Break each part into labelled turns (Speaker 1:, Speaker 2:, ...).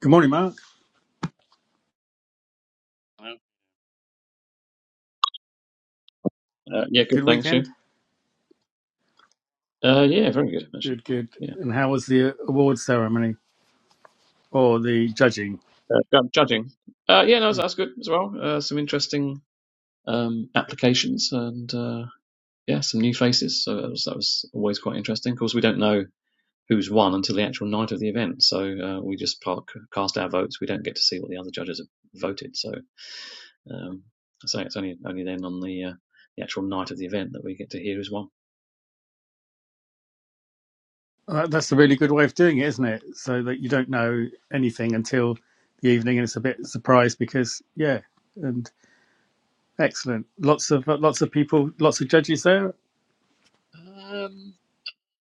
Speaker 1: Good morning, Mark.
Speaker 2: Uh, yeah,
Speaker 1: Good
Speaker 2: good. Thanks, you.
Speaker 1: weekend.
Speaker 2: Uh, yeah, very good actually.
Speaker 1: Good, good.
Speaker 2: Yeah,
Speaker 1: And how was the award ceremony or the judging?
Speaker 2: uh, ju- judging. Uh, yeah, no, that's good as well. Uh, some interesting um, applications and uh, yeah, some new faces. So that was, that was always quite interesting. Of course, we don't know who's won until the actual night of the event, so uh, we just park, cast our votes. We don't get to see what the other judges have voted. So um, I say it's only only then on the uh, the actual night of the event that we get to hear who's won.
Speaker 1: Uh, That's a really good way of doing it, isn't it? So that you don't know anything until the evening, and it's a bit surprised because yeah, and excellent. Lots of uh, lots of people, lots of judges there.
Speaker 2: Um,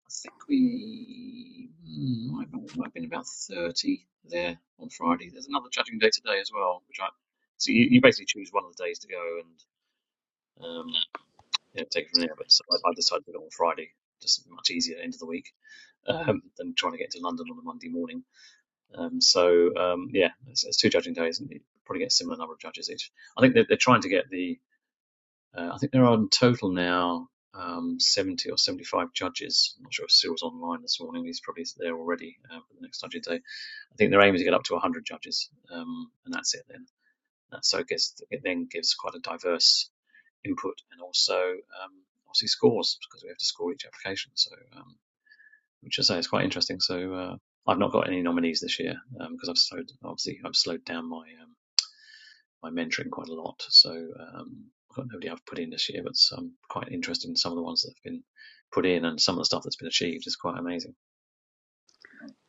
Speaker 2: I think we hmm, might have might have been about 30 there on Friday. There's another judging day today as well, which I so you, you basically choose one of the days to go and um, you know, take it from there. But so I, I decided to go on Friday, just much easier end of the week um, than trying to get to London on a Monday morning. Um, so um, yeah, it's, it's two judging days, and you probably get a similar number of judges each. I think they're, they're trying to get the uh, I think there are in total now um, 70 or 75 judges. I'm not sure if Cyril's online this morning. He's probably there already uh, for the next judging day. I think their aim is to get up to 100 judges, um, and that's it then. That so it, gets, it then gives quite a diverse input and also um, obviously scores because we have to score each application. So, um, which I say is quite interesting. So, uh, I've not got any nominees this year because um, I've slowed obviously I've slowed down my um, my mentoring quite a lot. So um, I've got nobody I've put in this year, but I'm quite interested in some of the ones that have been put in and some of the stuff that's been achieved is quite amazing. I'm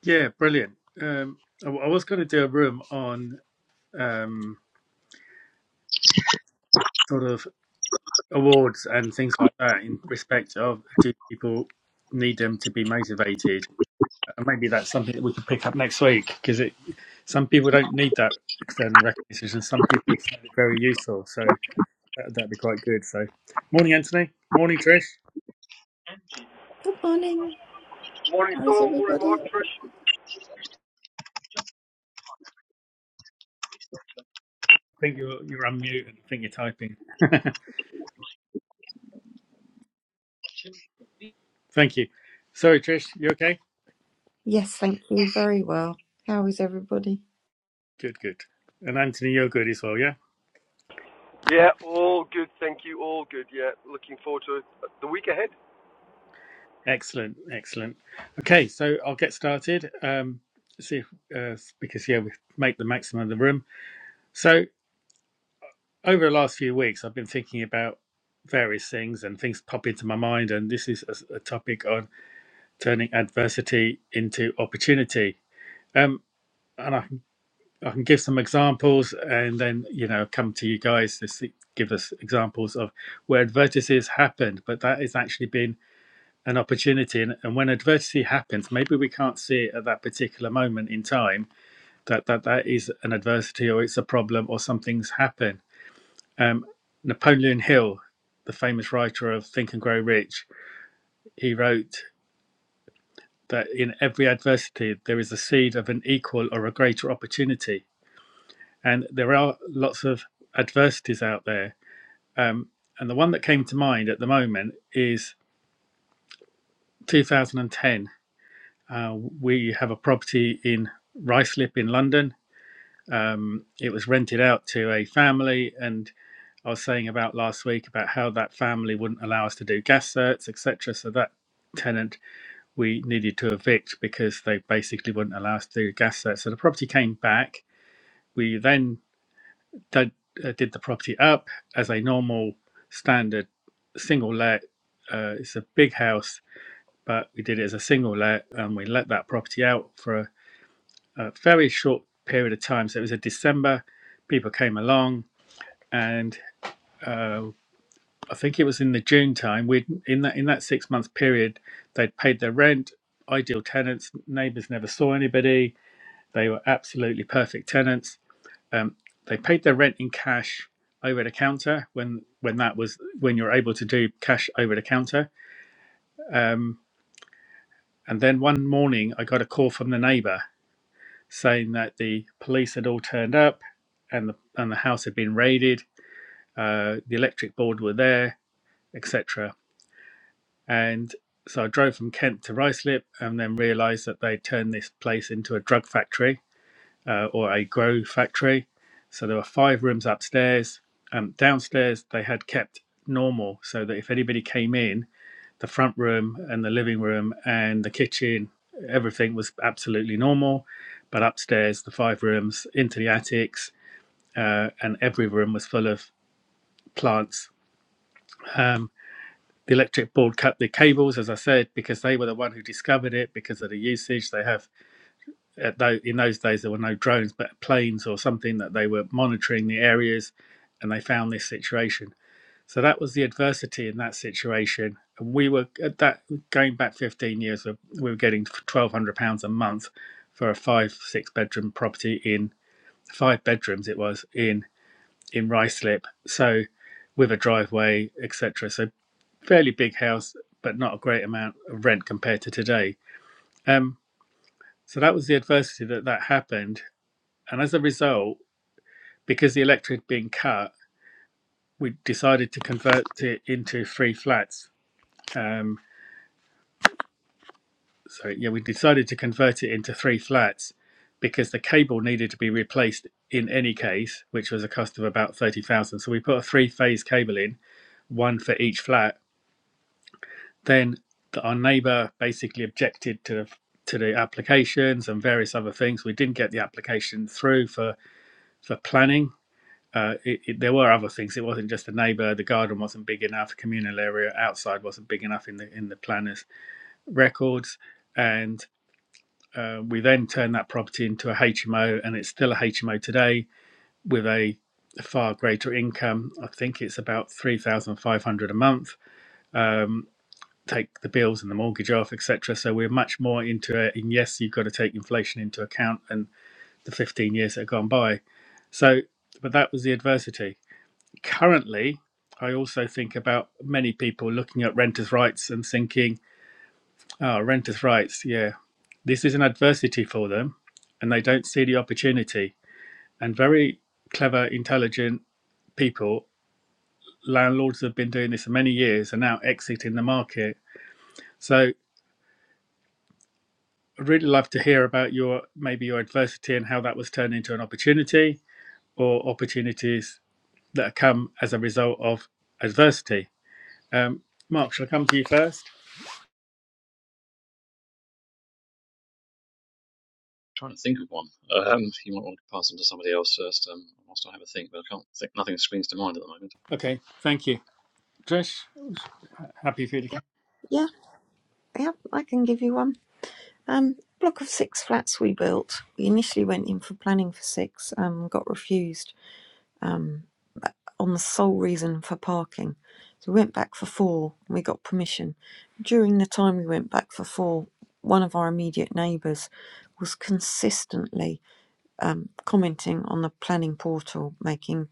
Speaker 1: Yeah, brilliant. Um, I, I was going to do a room on um, sort of awards and things like that in respect of do people need them to be motivated And maybe that's something that we could pick up next week because it some people don't need that external recognition. Some people find it very useful, so that, that'd be quite good. So, morning, Anthony. Morning, Trish.
Speaker 3: Good morning.
Speaker 4: Morning,
Speaker 3: How is
Speaker 4: Saul. Morning, Mark.
Speaker 3: everybody?
Speaker 4: Trish.
Speaker 1: I think you're you're unmute and I think you're typing. Thank you. Sorry, Trish. You okay?
Speaker 3: Yes, thank you. Very well. How is everybody?
Speaker 1: Good, good. And Anthony, you're good as well. Yeah.
Speaker 4: Yeah, all good. Thank you. All good. Yeah, looking forward to the week ahead.
Speaker 1: Excellent, excellent. Okay, so I'll get started. Um, see if uh, because yeah, we make the maximum of the room. So over the last few weeks, I've been thinking about various things and things pop into my mind. And this is a, a topic on turning adversity into opportunity. Um, and I can, I can give some examples and then, you know, come to you guys to see, give us examples of where adversity has happened, but that has actually been an opportunity. And, and when adversity happens, maybe we can't see it at that particular moment in time that, that that is an adversity or it's a problem or something's happened um, Napoleon Hill, the famous writer of Think and Grow Rich, he wrote that in every adversity there is a seed of an equal or a greater opportunity. And there are lots of adversities out there. Um, and the one that came to mind at the moment is 2010. Uh, we have a property in Ruislip in London. Um, it was rented out to a family, and I was saying about last week about how that family wouldn't allow us to do gas certs, etc. So that tenant we needed to evict because they basically wouldn't allow us to do gas certs. So the property came back. We then did, uh, did the property up as a normal standard single let. Uh, it's a big house, but we did it as a single let, and we let that property out for a, a very short period of time. So it was a December. People came along, and uh, I think it was in the June time. We in that in that six month period, they'd paid their rent, ideal tenants. Neighbours never saw anybody. They were absolutely perfect tenants. Um, they paid their rent in cash over the counter when when that was when you're able to do cash over the counter. Um, and then one morning, I got a call from the neighbour saying that the police had all turned up, and the and the house had been raided. Uh, the electric board were there, etc. And so I drove from Kent to Ruislip and then realized that they turned this place into a drug factory uh, or a grow factory. So there were five rooms upstairs. Um, downstairs, they had kept normal so that if anybody came in, the front room and the living room and the kitchen, everything was absolutely normal. But upstairs, the five rooms into the attics, uh, and every room was full of plants. Um, the electric board cut the cables, as I said, because they were the one who discovered it because of the usage they have. At tho- in those days, there were no drones, but planes or something that they were monitoring the areas, and they found this situation. So that was the adversity in that situation, and we were at that going back 15 years. uh, We were getting 1,200 pounds a month for a five, six bedroom property in five bedrooms. It was in in Ruislip, so with a driveway, etc fairly big house, but not a great amount of rent compared to today. Um, so that was the adversity that that happened. And as a result, because the electric had been cut, we decided to convert it into three flats. Um, so yeah, we decided to convert it into three flats because the cable needed to be replaced in any case, which was a cost of about thirty thousand. So we put a three-phase cable in, one for each flat, Then the, our neighbour basically objected to the, to the applications and various other things. We didn't get the application through for for planning. Uh, it, it, there were other things. It wasn't just the neighbour. The garden wasn't big enough. The Communal area outside wasn't big enough in the in the planners' records. And uh, we then turned that property into a HMO, and it's still a HMO today with a far greater income. I think it's about three thousand five hundred a month Um, take the bills and the mortgage off, etc. So we're much more into it. And yes, you've got to take inflation into account and the 15 years that have gone by. So, but that was the adversity. Currently, I also think about many people looking at renters' rights and thinking, oh, renters' rights, yeah, this is an adversity for them and they don't see the opportunity. And very clever, intelligent people, landlords have been doing this for many years, are now exiting the market. So I'd really love to hear about your maybe your adversity and how that was turned into an opportunity or opportunities that come as a result of adversity. Um, Mark, shall I come to you first?
Speaker 2: trying to think of one. Um, you might want to pass on to somebody else first. Um, whilst I have a think, but I can't think. Nothing springs to mind at the moment.
Speaker 1: Okay, thank you. Trish, happy for you to come.
Speaker 3: Yeah, yeah, I can give you one. Um, block of six flats we built. We initially went in for planning for six, um, got refused, um, on the sole reason for parking. So we went back for four and we got permission. During the time we went back for four, one of our immediate neighbours was consistently um, commenting on the planning portal, making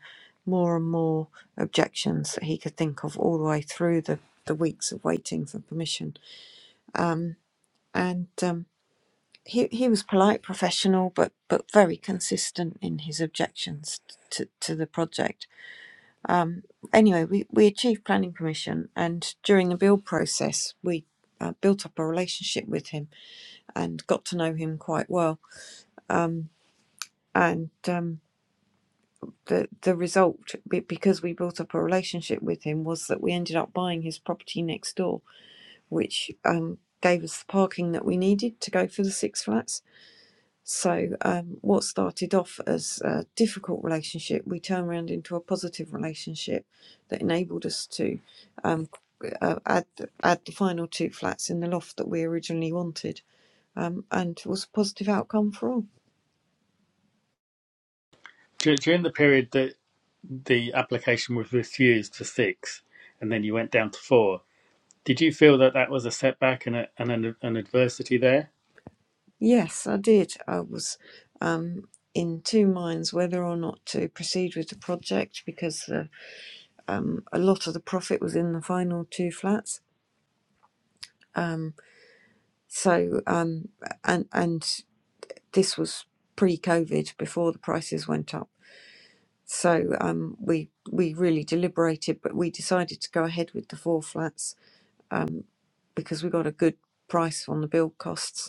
Speaker 3: more and more objections that he could think of all the way through the, the weeks of waiting for permission. And um, he, he was polite, professional, but, but very consistent in his objections to, to the project. Anyway, we, we achieved planning permission, and during the build process, we uh, built up a relationship with him and got to know him quite well. Um, and um, the the result because we built up a relationship with him was that we ended up buying his property next door which um gave us the parking that we needed to go for the six flats so um what started off as a difficult relationship we turned around into a positive relationship that enabled us to um uh, add add the final two flats in the loft that we originally wanted um and was a positive outcome for all
Speaker 1: During the period that the application was refused for six and then you went down to four, did you feel that that was a setback and, a, and an, an adversity there?
Speaker 3: Yes, I did. I was um, in two minds whether or not to proceed with the project because the, um, a lot of the profit was in the final two flats. Um, so um, and and this was pre-COVID, before the prices went up. So um, we we really deliberated, but we decided to go ahead with the four flats because we got a good price on the build costs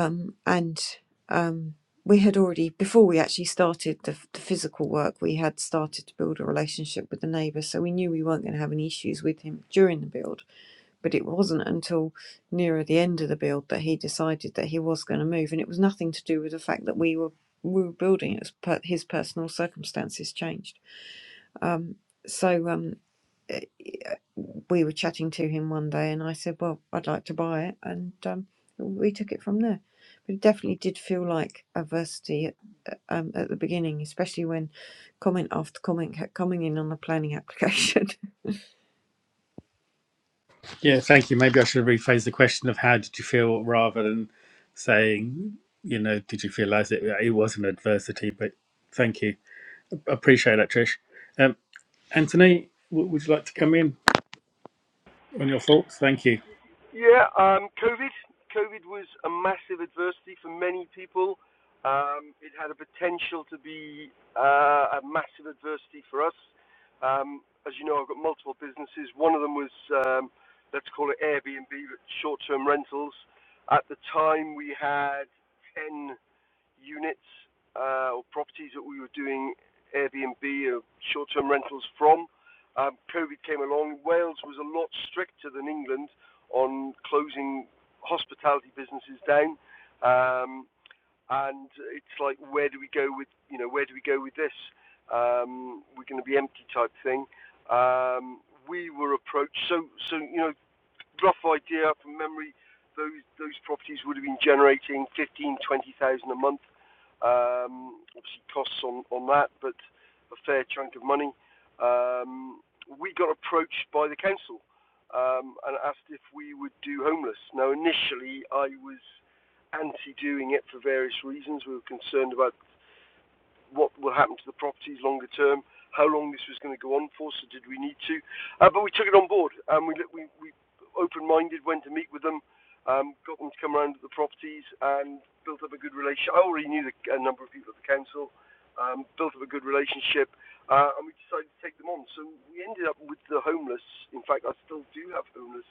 Speaker 3: um, and um, we had already before we actually started the, the physical work we had started to build a relationship with the neighbour so we knew we weren't going to have any issues with him during the build but it wasn't until nearer the end of the build that he decided that he was going to move and it was nothing to do with the fact that we were we were building it was per- his personal circumstances changed um, so um, we were chatting to him one day and I said, Well, I'd like to buy it. And um, we took it from there. But it definitely did feel like adversity at, at- um, at the beginning, especially when comment after comment kept coming in on the planning application.
Speaker 1: Yeah, thank you. Maybe I should rephrase the question of how did you feel rather than saying, you know, did you realise it, it was an adversity? But thank you. I Appreciate that, Trish. Um, Anthony, w- would you like to come in on your thoughts? Thank you.
Speaker 4: Yeah, um, COVID. COVID was a massive adversity for many people. Um, it had a potential to be uh, a massive adversity for us. Um, as you know, I've got multiple businesses. One of them was, um, let's call it Airbnb, but short-term rentals. At the time, we had 10 units uh, or properties that we were doing Airbnb or short-term rentals from. Um, COVID came along. Wales was a lot stricter than England on closing hospitality businesses down, um, and it's like where do we go with you know where do we go with this? Um, we're going to be empty type thing. Um, we were approached. So so you know rough idea from memory, those those properties would have been generating 15, 20,000 a month. Um, obviously, costs on on that, but a fair chunk of money. Um, we got approached by the council um, and asked if we would do homeless. Now, initially, I was anti doing it for various reasons. We were concerned about what will happen to the properties longer term, how long this was going to go on for, so did we need to? Uh, but we took it on board, and we we, we open-minded, went to meet with them, um, got them to come around to the properties, and built up a good relationship. I already knew the, a number of people at the council, um, built up a good relationship, uh, and we decided to take them on. So we ended up with the homeless. In fact, I still do have homeless.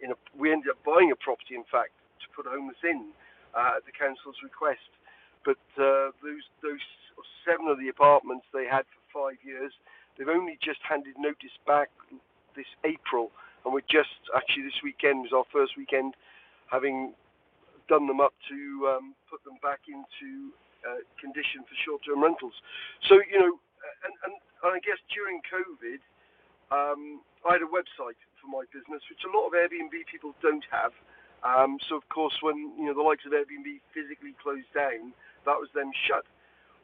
Speaker 4: In a, we ended up buying a property, in fact, to put homeless in uh, at the council's request. But uh, those those seven of the apartments they had for five years, they've only just handed notice back this April, and we're just actually this weekend was our first weekend having done them up to um, put them back into uh, condition for short-term rentals. So you know, and, and, and I guess during COVID, um, I had a website for my business, which a lot of Airbnb people don't have. Um, so of course, when you know the likes of Airbnb physically closed down, that was then shut.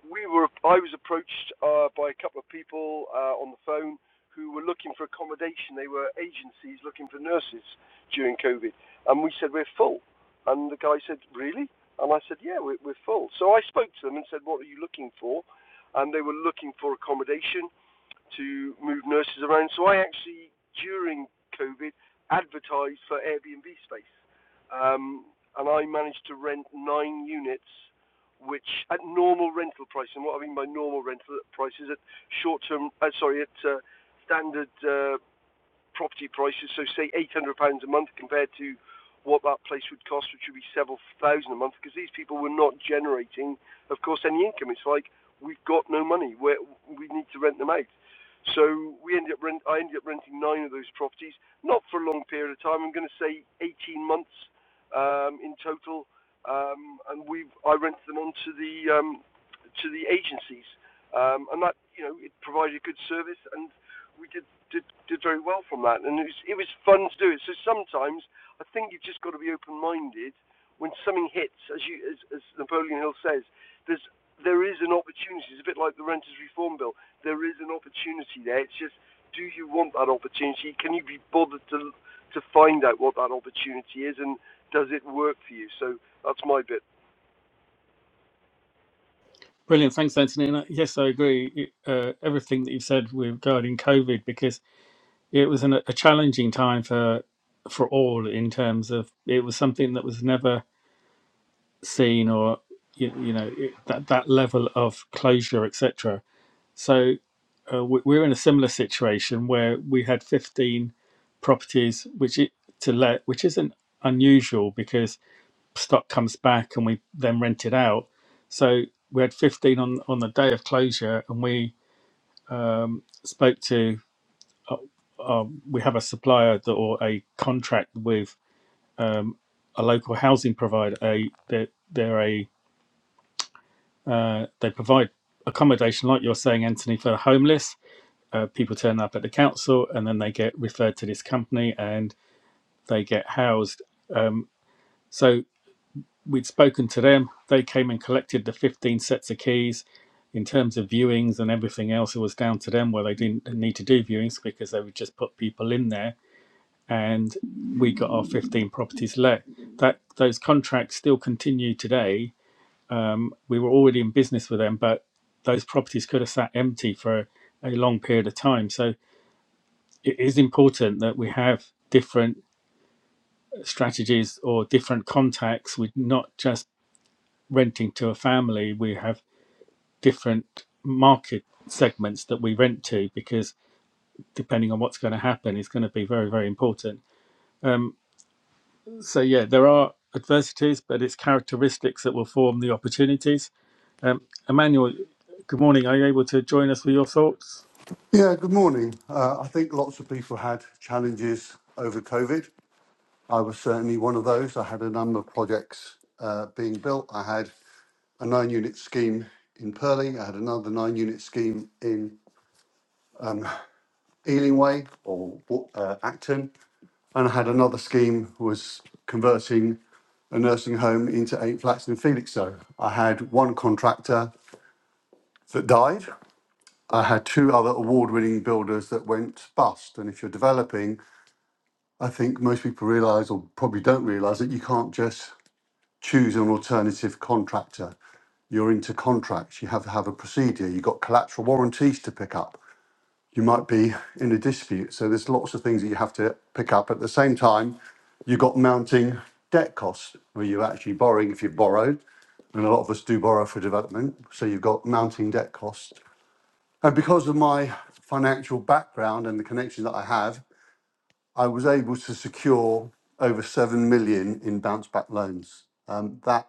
Speaker 4: We were, I was approached uh, by a couple of people uh, on the phone who were looking for accommodation. They were agencies looking for nurses during COVID, and we said we're full. And the guy said, really? And I said, yeah, we're, we're full. So I spoke to them and said, what are you looking for? And they were looking for accommodation, to move nurses around. So I actually, during COVID, advertised for Airbnb space. Um, and I managed to rent nine units, which at normal rental price, and what I mean by normal rental price is at short term, uh, sorry, at uh, standard uh, property prices. So say £800 a month compared to what that place would cost, which would be several thousand a month, because these people were not generating, of course, any income. It's like we've got no money. We're, we need to rent them out. So we ended up rent, I ended up renting nine of those properties, not for a long period of time. I'm going to say 18 months um, in total, um, and we I rented them on to the um, to the agencies, um, and that you know it provided a good service and we did, did did very well from that, and it was it was fun to do it. So sometimes I think you've just got to be open-minded when something hits, as you as, as Napoleon Hill says. There's there is an opportunity. It's a bit like the Renters Reform Bill. There is an opportunity there. It's just, do you want that opportunity? Can you be bothered to to find out what that opportunity is, and does it work for you? So that's my bit.
Speaker 1: Brilliant. Thanks, Anthony. And uh, yes, I agree. It- Uh, everything that you said regarding COVID, because it was an, a challenging time for for all in terms of it was something that was never seen or you, you know it, that that level of closure, etc. uh, we we were in a similar situation where we had 15 properties which it, to let, which isn't unusual because stock comes back and we then rent it out. So we had 15 on on the day of closure, and we um, spoke to. Uh, um, we have a supplier that, or a contract with um, a local housing provider. A they're, they're a uh, they provide accommodation, like you're saying, Anthony, for the homeless uh, people turn up at the council and then they get referred to this company and they get housed. Um, so we'd spoken to them. They came and collected the 15 sets of keys. In terms of viewings and everything else, it was down to them where they didn't need to do viewings because they would just put people in there and we got our 15 properties let. That Those contracts still continue today. We were already in business with them, but those properties could have sat empty for a long period of time. So it is important that we have different strategies or different contacts. We're not just renting to a family, we have different market segments that we rent to because depending on what's going to happen is going to be very, very important. Um, so, yeah, there are adversities, but it's characteristics that will form the opportunities. Um, Emmanuel, good morning. Are you able to join us with your thoughts?
Speaker 5: Yeah, good morning. Uh, I think lots of people had challenges over COVID. I was certainly one of those. I had a number of projects uh, being built. I had a nine unit scheme in Purley, I had another nine unit scheme in Ealing Way or uh, Acton, and I had another scheme was converting a nursing home into eight flats in Felixstowe. I had one contractor that died. I had two other award-winning builders that went bust. And if you're developing I think most people realise, or probably don't realise, that you can't just choose an alternative contractor. You're into contracts. You have to have a procedure. You've got collateral warranties to pick up. You might be in a dispute. So there's lots of things that you have to pick up. At the same time, you've got mounting debt costs where you're actually borrowing if you've borrowed. And a lot of us do borrow for development. So you've got mounting debt costs. And because of my financial background and the connections that I have, I was able to secure over 7 million in bounce back loans. Um, That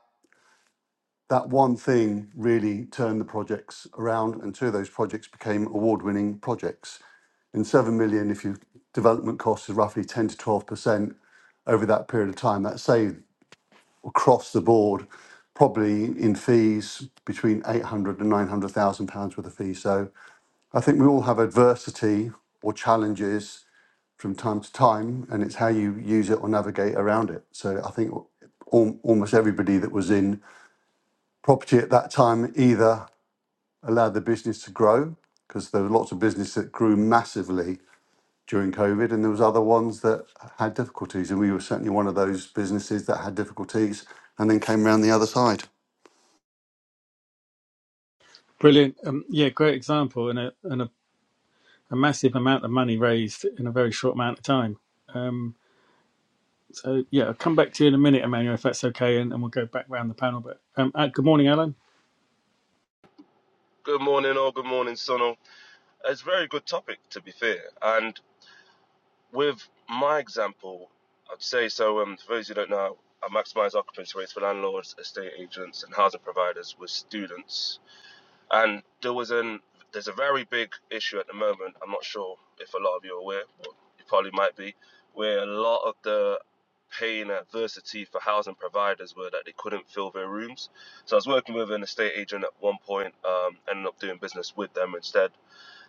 Speaker 5: that one thing really turned the projects around, and two of those projects became award-winning projects. In 7 million, if your development cost is roughly 10 to 12 percent over that period of time, that saved across the board, probably in fees between 800 and 900,000 pounds worth of fees. So I think we all have adversity or challenges from time to time, and it's how you use it or navigate around it. So I think al- almost everybody that was in property at that time either allowed the business to grow because there were lots of businesses that grew massively during COVID, and there was other ones that had difficulties, and we were certainly one of those businesses that had difficulties and then came around the other side.
Speaker 1: Brilliant. Um, yeah, great example and a, and a a massive amount of money raised in a very short amount of time. Um, so yeah, I'll come back to you in a minute, Emmanuel, if that's okay, and, and we'll go back round the panel. But um, uh, good morning, Alan.
Speaker 6: Good morning, all. Good morning, Sonal. It's a very good topic, to be fair. And with my example, I'd say so. Um, for those who don't know, I maximise occupancy rates for landlords, estate agents, and housing providers with students. And there was an there's a very big issue at the moment. I'm not sure if a lot of you are aware, but you probably might be, where a lot of the pain and adversity for housing providers were that they couldn't fill their rooms. So I was working with an estate agent at one point, um, ended up doing business with them instead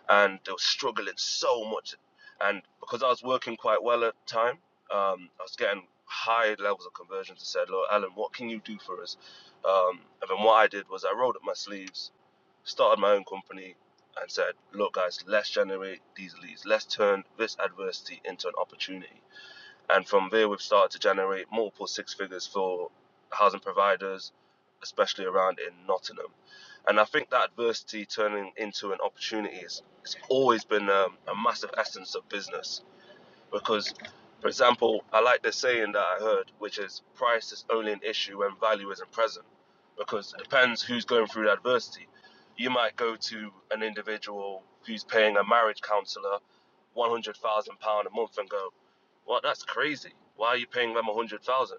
Speaker 6: and they were struggling so much. And because I was working quite well at the time, um, I was getting high levels of conversions. I said, "Look, Alan, what can you do for us?" Um, and then what I did was I rolled up my sleeves, started my own company, and said, "Look, guys, let's generate these leads. Let's turn this adversity into an opportunity." And from there, we've started to generate multiple six figures for housing providers, especially around in Nottingham. And I think that adversity turning into an opportunity is it's always been um, a massive essence of business because, for example, I like the saying that I heard, which is price is only an issue when value isn't present, because it depends who's going through the adversity. You might go to an individual who's paying a marriage counsellor £100,000 a month and go, well, that's crazy. Why are you paying them 100000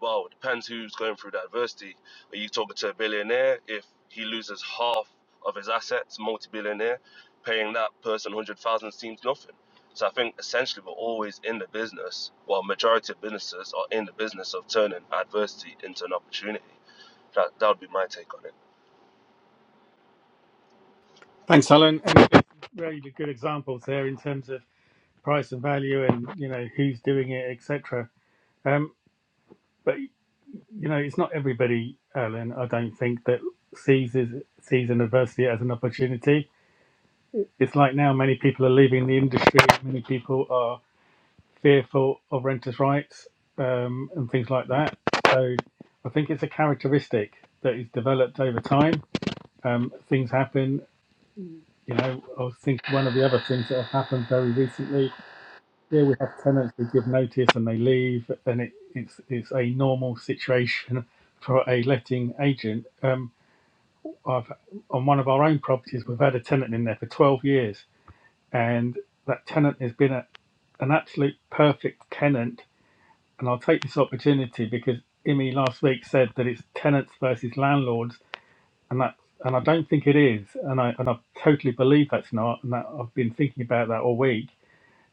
Speaker 6: Well, it depends who's going through the adversity. Are you talking to a billionaire? If he loses half of his assets, multi billionaire, paying that person 100000 seems nothing so I think essentially we're always in the business, well, majority of businesses are in the business of turning adversity into an opportunity. That that would be my take on it.
Speaker 1: Thanks, Alan. And there's really good examples there in terms of price and value, and you know who's doing it, etc. Um, but you know, it's not everybody, Alan. I don't think that sees is, sees an adversity as an opportunity. It's like now, many people are leaving the industry. Many people are fearful of renters' rights um, and things like that. So I think it's a characteristic that is developed over time. Um, things happen. You know, I think one of the other things that have happened very recently here we have tenants who give notice and they leave, and it, it's it's a normal situation for a letting agent. Um, I've on one of our own properties, we've had a tenant in there for 12 years, and that tenant has been a, an absolute perfect tenant and I'll take this opportunity because Imi last week said that it's tenants versus landlords, and that and I don't think it is, and I and I totally believe that's not, and that I've been thinking about that all week.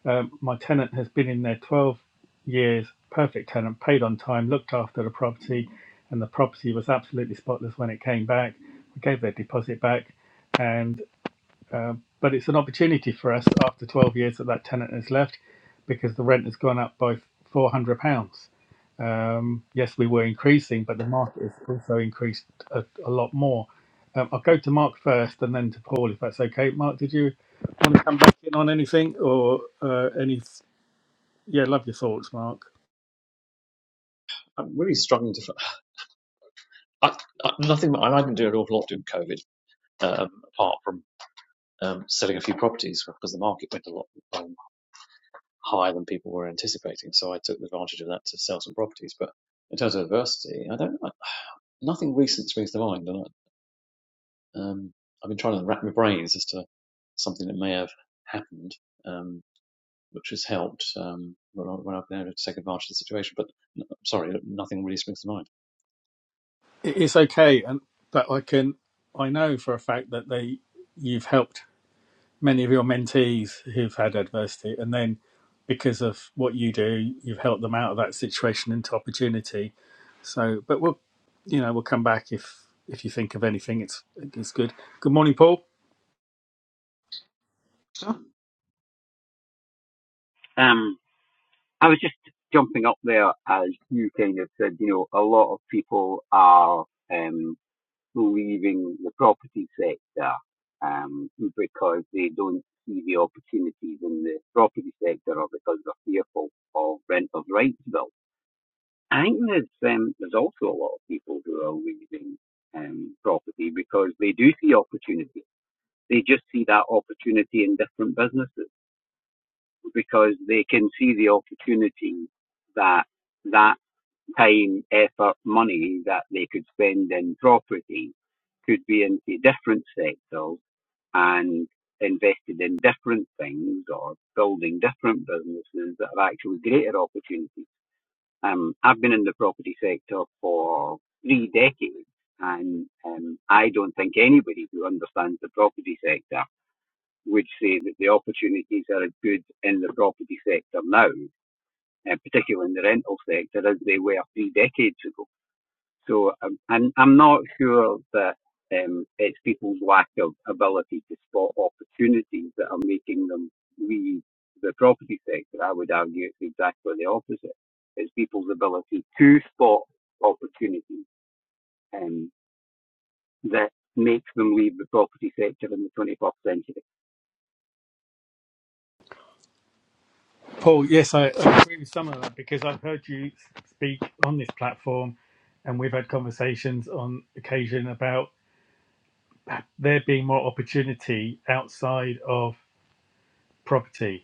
Speaker 1: Um, my tenant has been in there twelve years, perfect tenant, paid on time, looked after the property, and the property was absolutely spotless when it came back. We gave their deposit back, and. Um, but it's an opportunity for us after 12 years that that tenant has left because the rent has gone up by £400. Um, yes, we were increasing, but the market has also increased a, a lot more. Um, I'll go to Mark first and then to Paul if that's okay. Mark, did you want to come back in on anything or uh, any? Yeah, love your thoughts, Mark.
Speaker 2: I'm really struggling to. I, I, nothing. I didn't do an awful lot during COVID, um, apart from um, selling a few properties because the market went a lot um, higher than people were anticipating. So I took advantage of that to sell some properties, but in terms of adversity, I don't. I, nothing recent springs to mind. And I, um, I've been trying to wrap my brains as to something that may have happened, um, which has helped um, when, I, have been able to take advantage of the situation. But n- sorry, nothing really springs to mind.
Speaker 1: It- It's okay, and but I can I know for a fact that they you've helped many of your mentees who've had adversity, and then because of what you do, you've helped them out of that situation into opportunity. So, but we'll, you know, we'll come back if if you think of anything. It's it's good. Good morning, Paul.
Speaker 7: Sure. Um, I was just jumping up there as you kind of said, you know, a lot of people are um, leaving the property sector um, because they don't see the opportunities in the property sector or because they're fearful of renter's rights bill. I think there's, um, there's also a lot of people who are leaving um, property because they do see opportunity. They just see that opportunity in different businesses because they can see the opportunity that that time, effort, money that they could spend in property could be into different sectors and invested in different things or building different businesses that are actually greater opportunities. Um, I've been in the property sector for three decades and um, I don't think anybody who understands the property sector would say that the opportunities are as good in the property sector now, and particularly in the rental sector, as they were three decades ago. So, um, and I'm not sure that um, it's people's lack of ability to spot opportunities that are making them leave the property sector. I would argue it's exactly the opposite. It's people's ability to spot opportunities um, that makes them leave the property sector in the 21st century.
Speaker 1: Paul, yes, I, I agree with some of that because I've heard you speak on this platform, and we've had conversations on occasion about there being more opportunity outside of property.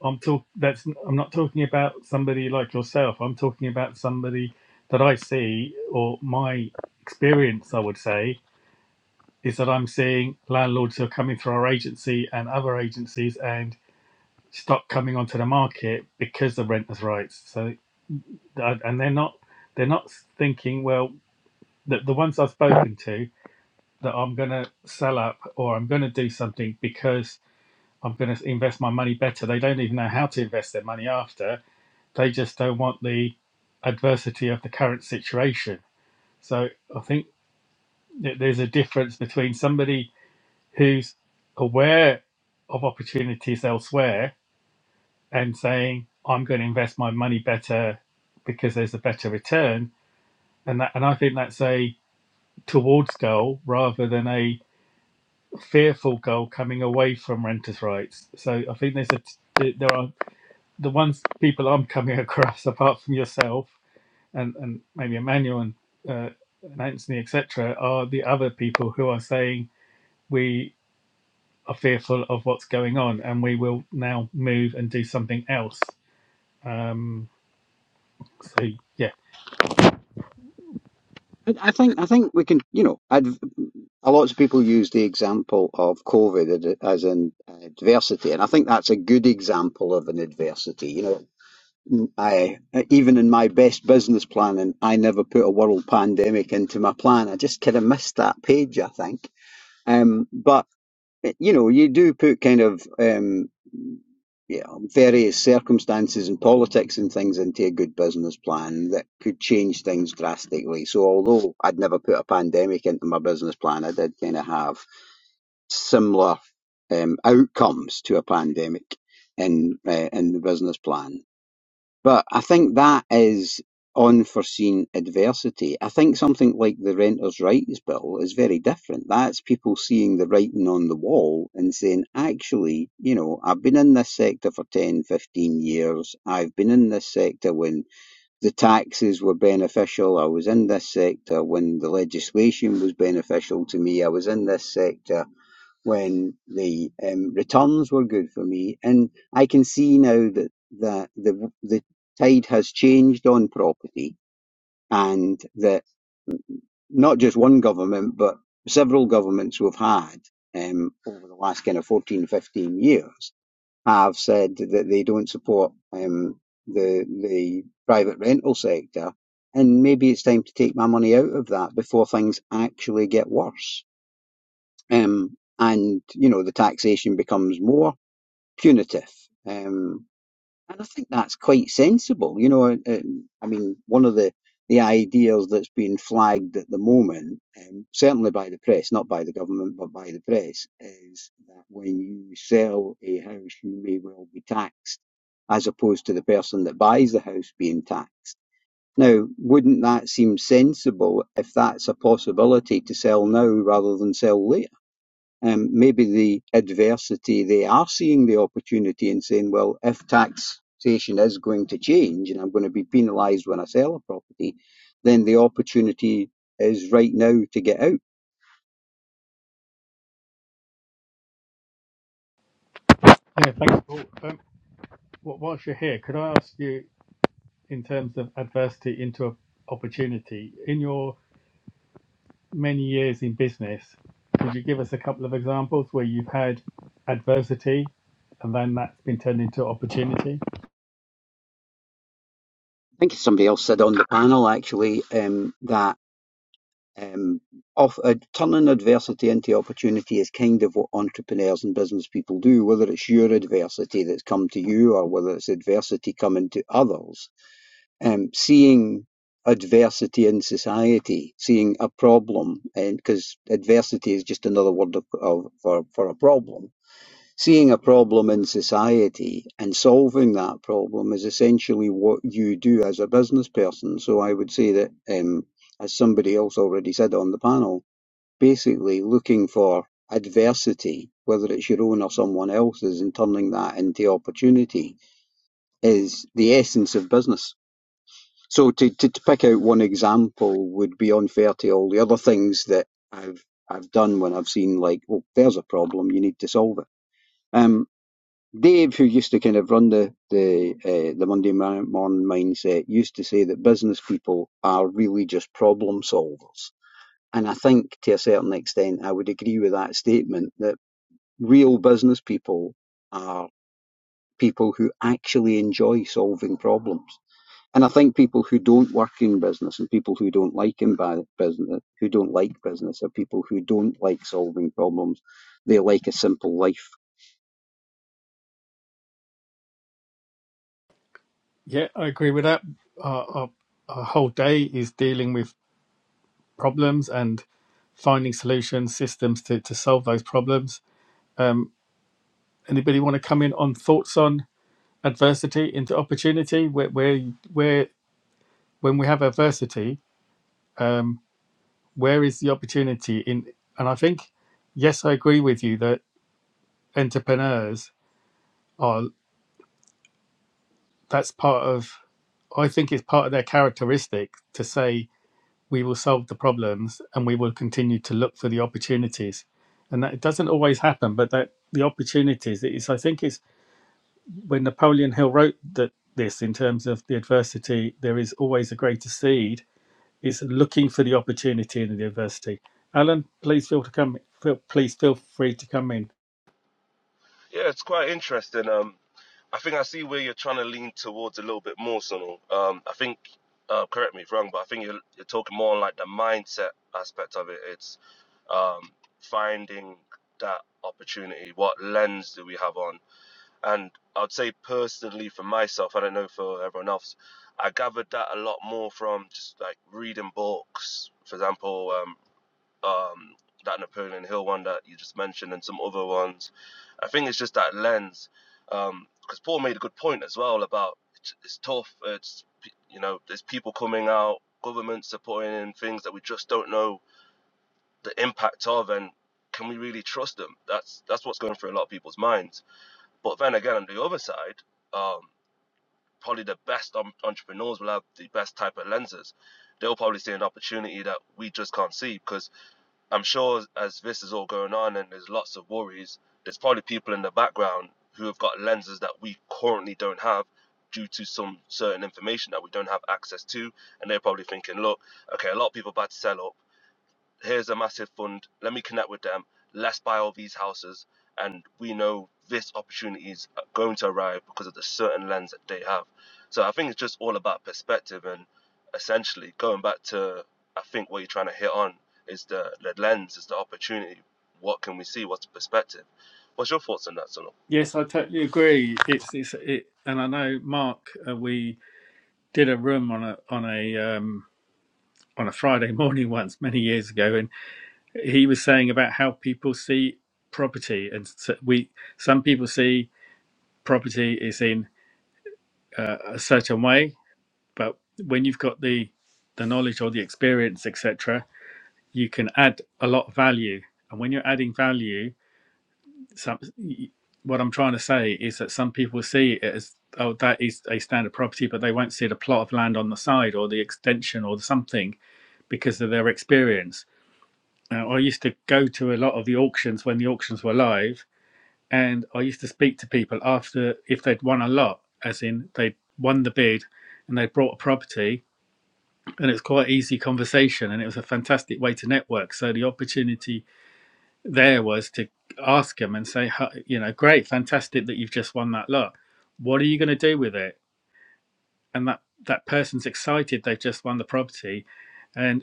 Speaker 1: I'm talk that's I'm not talking about somebody like yourself. I'm talking about somebody that I see or my experience I would say is that I'm seeing landlords who are coming through our agency and other agencies and stop coming onto the market because of renters' rights. So uh, and they're not they're not thinking, well, the, the ones I've spoken to that I'm gonna sell up or I'm gonna do something because I'm gonna invest my money better. They don't even know how to invest their money after They just don't want the adversity of the current situation. So I think that there's a difference between somebody who's aware of opportunities elsewhere and saying, I'm going to invest my money better because there's a better return. And that, and I think that's a towards goal rather than a fearful goal coming away from renters' rights. So I think there's a, there are the ones people I'm coming across, apart from yourself, and, and maybe Emmanuel and, uh, and Anthony, etc., are the other people who are saying we are fearful of what's going on and we will now move and do something else. Um, so, yeah.
Speaker 7: I, I think I think we can, you know, adv- a lot of people use the example of COVID as an adversity, and I think that's a good example of an adversity. You know, I even in my best business planning, I never put a world pandemic into my plan. I just kind of missed that page, I think. Um, but y- you know, you do put kind of um, yeah, various circumstances and politics and things into a good business plan that could change things drastically. So, although I'd never put a pandemic into my business plan, I did kind of have similar um, outcomes to a pandemic in uh, in the business plan. But I think that is unforeseen adversity. I think something like the Renters' Rights Bill is very different. That's people seeing the writing on the wall and saying, actually, you know, I've been in this sector for 10, 15 years. I've been in this sector when the taxes were beneficial. I was in this sector when the legislation was beneficial to me. I was in this sector when the um, returns were good for me. And I can see now that, that the, the tide has changed on property and that not just one government, but several governments we've had um, over the last kind of 14 15 years have said that they don't support um, the, the private rental sector. And maybe it's time to take my money out of that before things actually get worse. Um, and, you know, the taxation becomes more punitive. Um, and I think that's quite sensible. You know, uh, um, I mean, one of the, the ideas that's being flagged at the moment, um, certainly by the press, not by the government, but by the press, is that when you sell a house, you may well be taxed as opposed to the person that buys the house being taxed. Now, wouldn't that seem sensible if that's a possibility to sell now rather than sell later? um, maybe the adversity, they are seeing the opportunity and saying, well, if taxation is going to change and I'm going to be penalised when I sell a property, then the opportunity is right now to get out.
Speaker 1: Anyway, thanks, Paul. Um, wh- whilst you're here, could I ask you, in terms of adversity into a opportunity, in your many years in business, could you give us a couple of examples where you've had adversity and then that's been turned into opportunity?
Speaker 7: I think somebody else said on the panel actually um, that um, of, uh, turning adversity into opportunity is kind of what entrepreneurs and business people do, whether it's your adversity that's come to you or whether it's adversity coming to others um, seeing adversity in society, seeing a problem, and because adversity is just another word of, of, for for a problem. Seeing a problem in society and solving that problem is essentially what you do as a business person. So I would say that, um, as somebody else already said on the panel, basically looking for adversity, whether it's your own or someone else's, and turning that into opportunity is the essence of business. So to, to, to pick out one example would be unfair to all the other things that I've I've done when I've seen like, oh there's a problem, you need to solve it. Um, Dave, who used to kind of run the the uh, the Monday morning mindset, used to say that business people are really just problem solvers, and I think to a certain extent I would agree with that statement that real business people are people who actually enjoy solving problems and I think people who don't work in business and people who don't like in business, who don't like business, are people who don't like solving problems. They like a simple life.
Speaker 1: Yeah, I agree with that. Our, our, our whole day is dealing with problems and finding solutions, systems to, to solve those problems. Um, anybody want to come in on thoughts on adversity into opportunity? Where, where, where when we have adversity, um, where is the opportunity in? And I think, yes, I agree with you that entrepreneurs are. That's part of. I think it's part of their characteristic to say we will solve the problems and we will continue to look for the opportunities and that it doesn't always happen but that the opportunities is i think is when napoleon hill wrote that this in terms of the adversity there is always a greater seed it's looking for the opportunity in the adversity alan please feel to come feel, please feel free to come in
Speaker 6: Yeah, it's quite interesting. Um, I think I see where you're trying to lean towards a little bit more, Sunil. Um, I think, uh, correct me if wrong, but I think you're, you're talking more on like the mindset aspect of it. It's um, finding that opportunity. What lens do we have on? And I'd say personally for myself, I don't know for everyone else, I gathered that a lot more from just like reading books. For example, um, um, that Napoleon Hill one that you just mentioned, and some other ones. I think it's just that lens, because Paul made a good point as well about it's, it's tough. It's you know, there's people coming out, governments are putting in things that we just don't know the impact of, and can we really trust them? That's that's what's going through a lot of people's minds but then again, on the other side, um, probably the best um, entrepreneurs will have the best type of lenses. They'll probably see an opportunity that we just can't see because I'm sure as this is all going on and there's lots of worries, there's probably people in the background who have got lenses that we currently don't have due to some certain information that we don't have access to. And they're probably thinking, look, okay, a lot of people about to sell up here's a massive fund. Let me connect with them. Let's buy all these houses. And we know this opportunity is going to arrive because of the certain lens that they have. So I think it's just all about perspective and essentially going back to, I think what you're trying to hit on is the, the lens, is the opportunity. What can we see? What's the perspective? What's your thoughts on that, Sonal?
Speaker 1: yes i totally agree it's it's it and i know mark uh, we did a room on a on a um on a friday morning once many years ago and. he was saying about how people see property and so we some people see property is in uh, a certain way but when you've got the the knowledge or the experience etc you can add a lot of value and when you're adding value some what i'm trying to say is that some people see it as oh that is a standard property but they won't see the plot of land on the side or the extension or something because of their experience now, i used to go to a lot of the auctions when the auctions were live and I used to speak to people after if they'd won a lot, as in they'd won the bid and they brought a property, and it's quite easy conversation, and it was a fantastic way to network. So the opportunity there was to ask them and say, "Huh, you know, great, fantastic that you've just won that lot. What are you going to do with it? And that that person's excited they've just won the property, and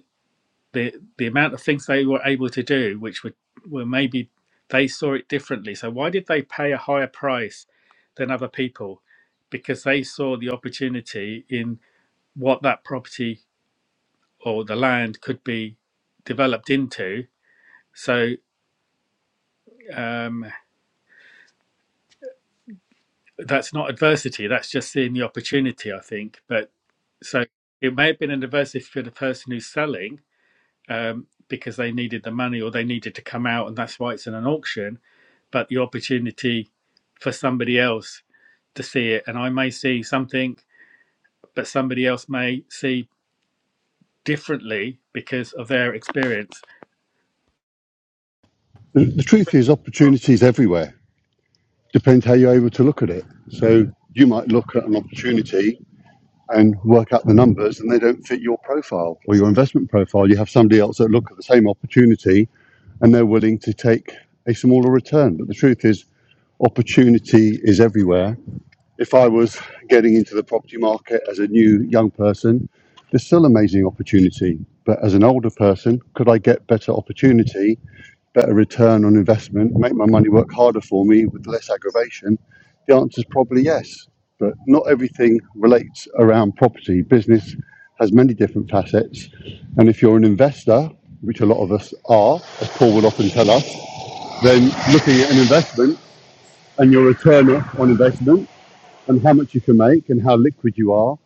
Speaker 1: the the amount of things they were able to do, which were were maybe they saw it differently. So why did they pay a higher price than other people? Because they saw the opportunity in what that property or the land could be developed into. So um, that's not adversity. That's just seeing the opportunity, I think. But so it may have been an adversity for the person who's selling um, because they needed the money or they needed to come out, and that's why it's in an auction but the opportunity for somebody else to see it. And I may see something, but somebody else may see differently because of their experience.
Speaker 5: The, the
Speaker 6: I
Speaker 5: truth
Speaker 6: think,
Speaker 5: is,
Speaker 6: um,
Speaker 5: opportunities everywhere. Depends how you're able to look at it. So you might look at an opportunity and work out the numbers and they don't fit your profile or your investment profile. You have somebody else that look at the same opportunity and they're willing to take a smaller return. But the truth is, opportunity is everywhere. If I was getting into the property market as a new young person, there's still amazing opportunity. But as an older person, could I get better opportunity better return on investment, make my money work harder for me with less aggravation? The answer is probably yes. But not everything relates around property. Business has many different facets. And if you're an investor, which a lot of us are, as Paul will often tell us, then looking at an investment and your return on investment and how much you can make and how liquid you are,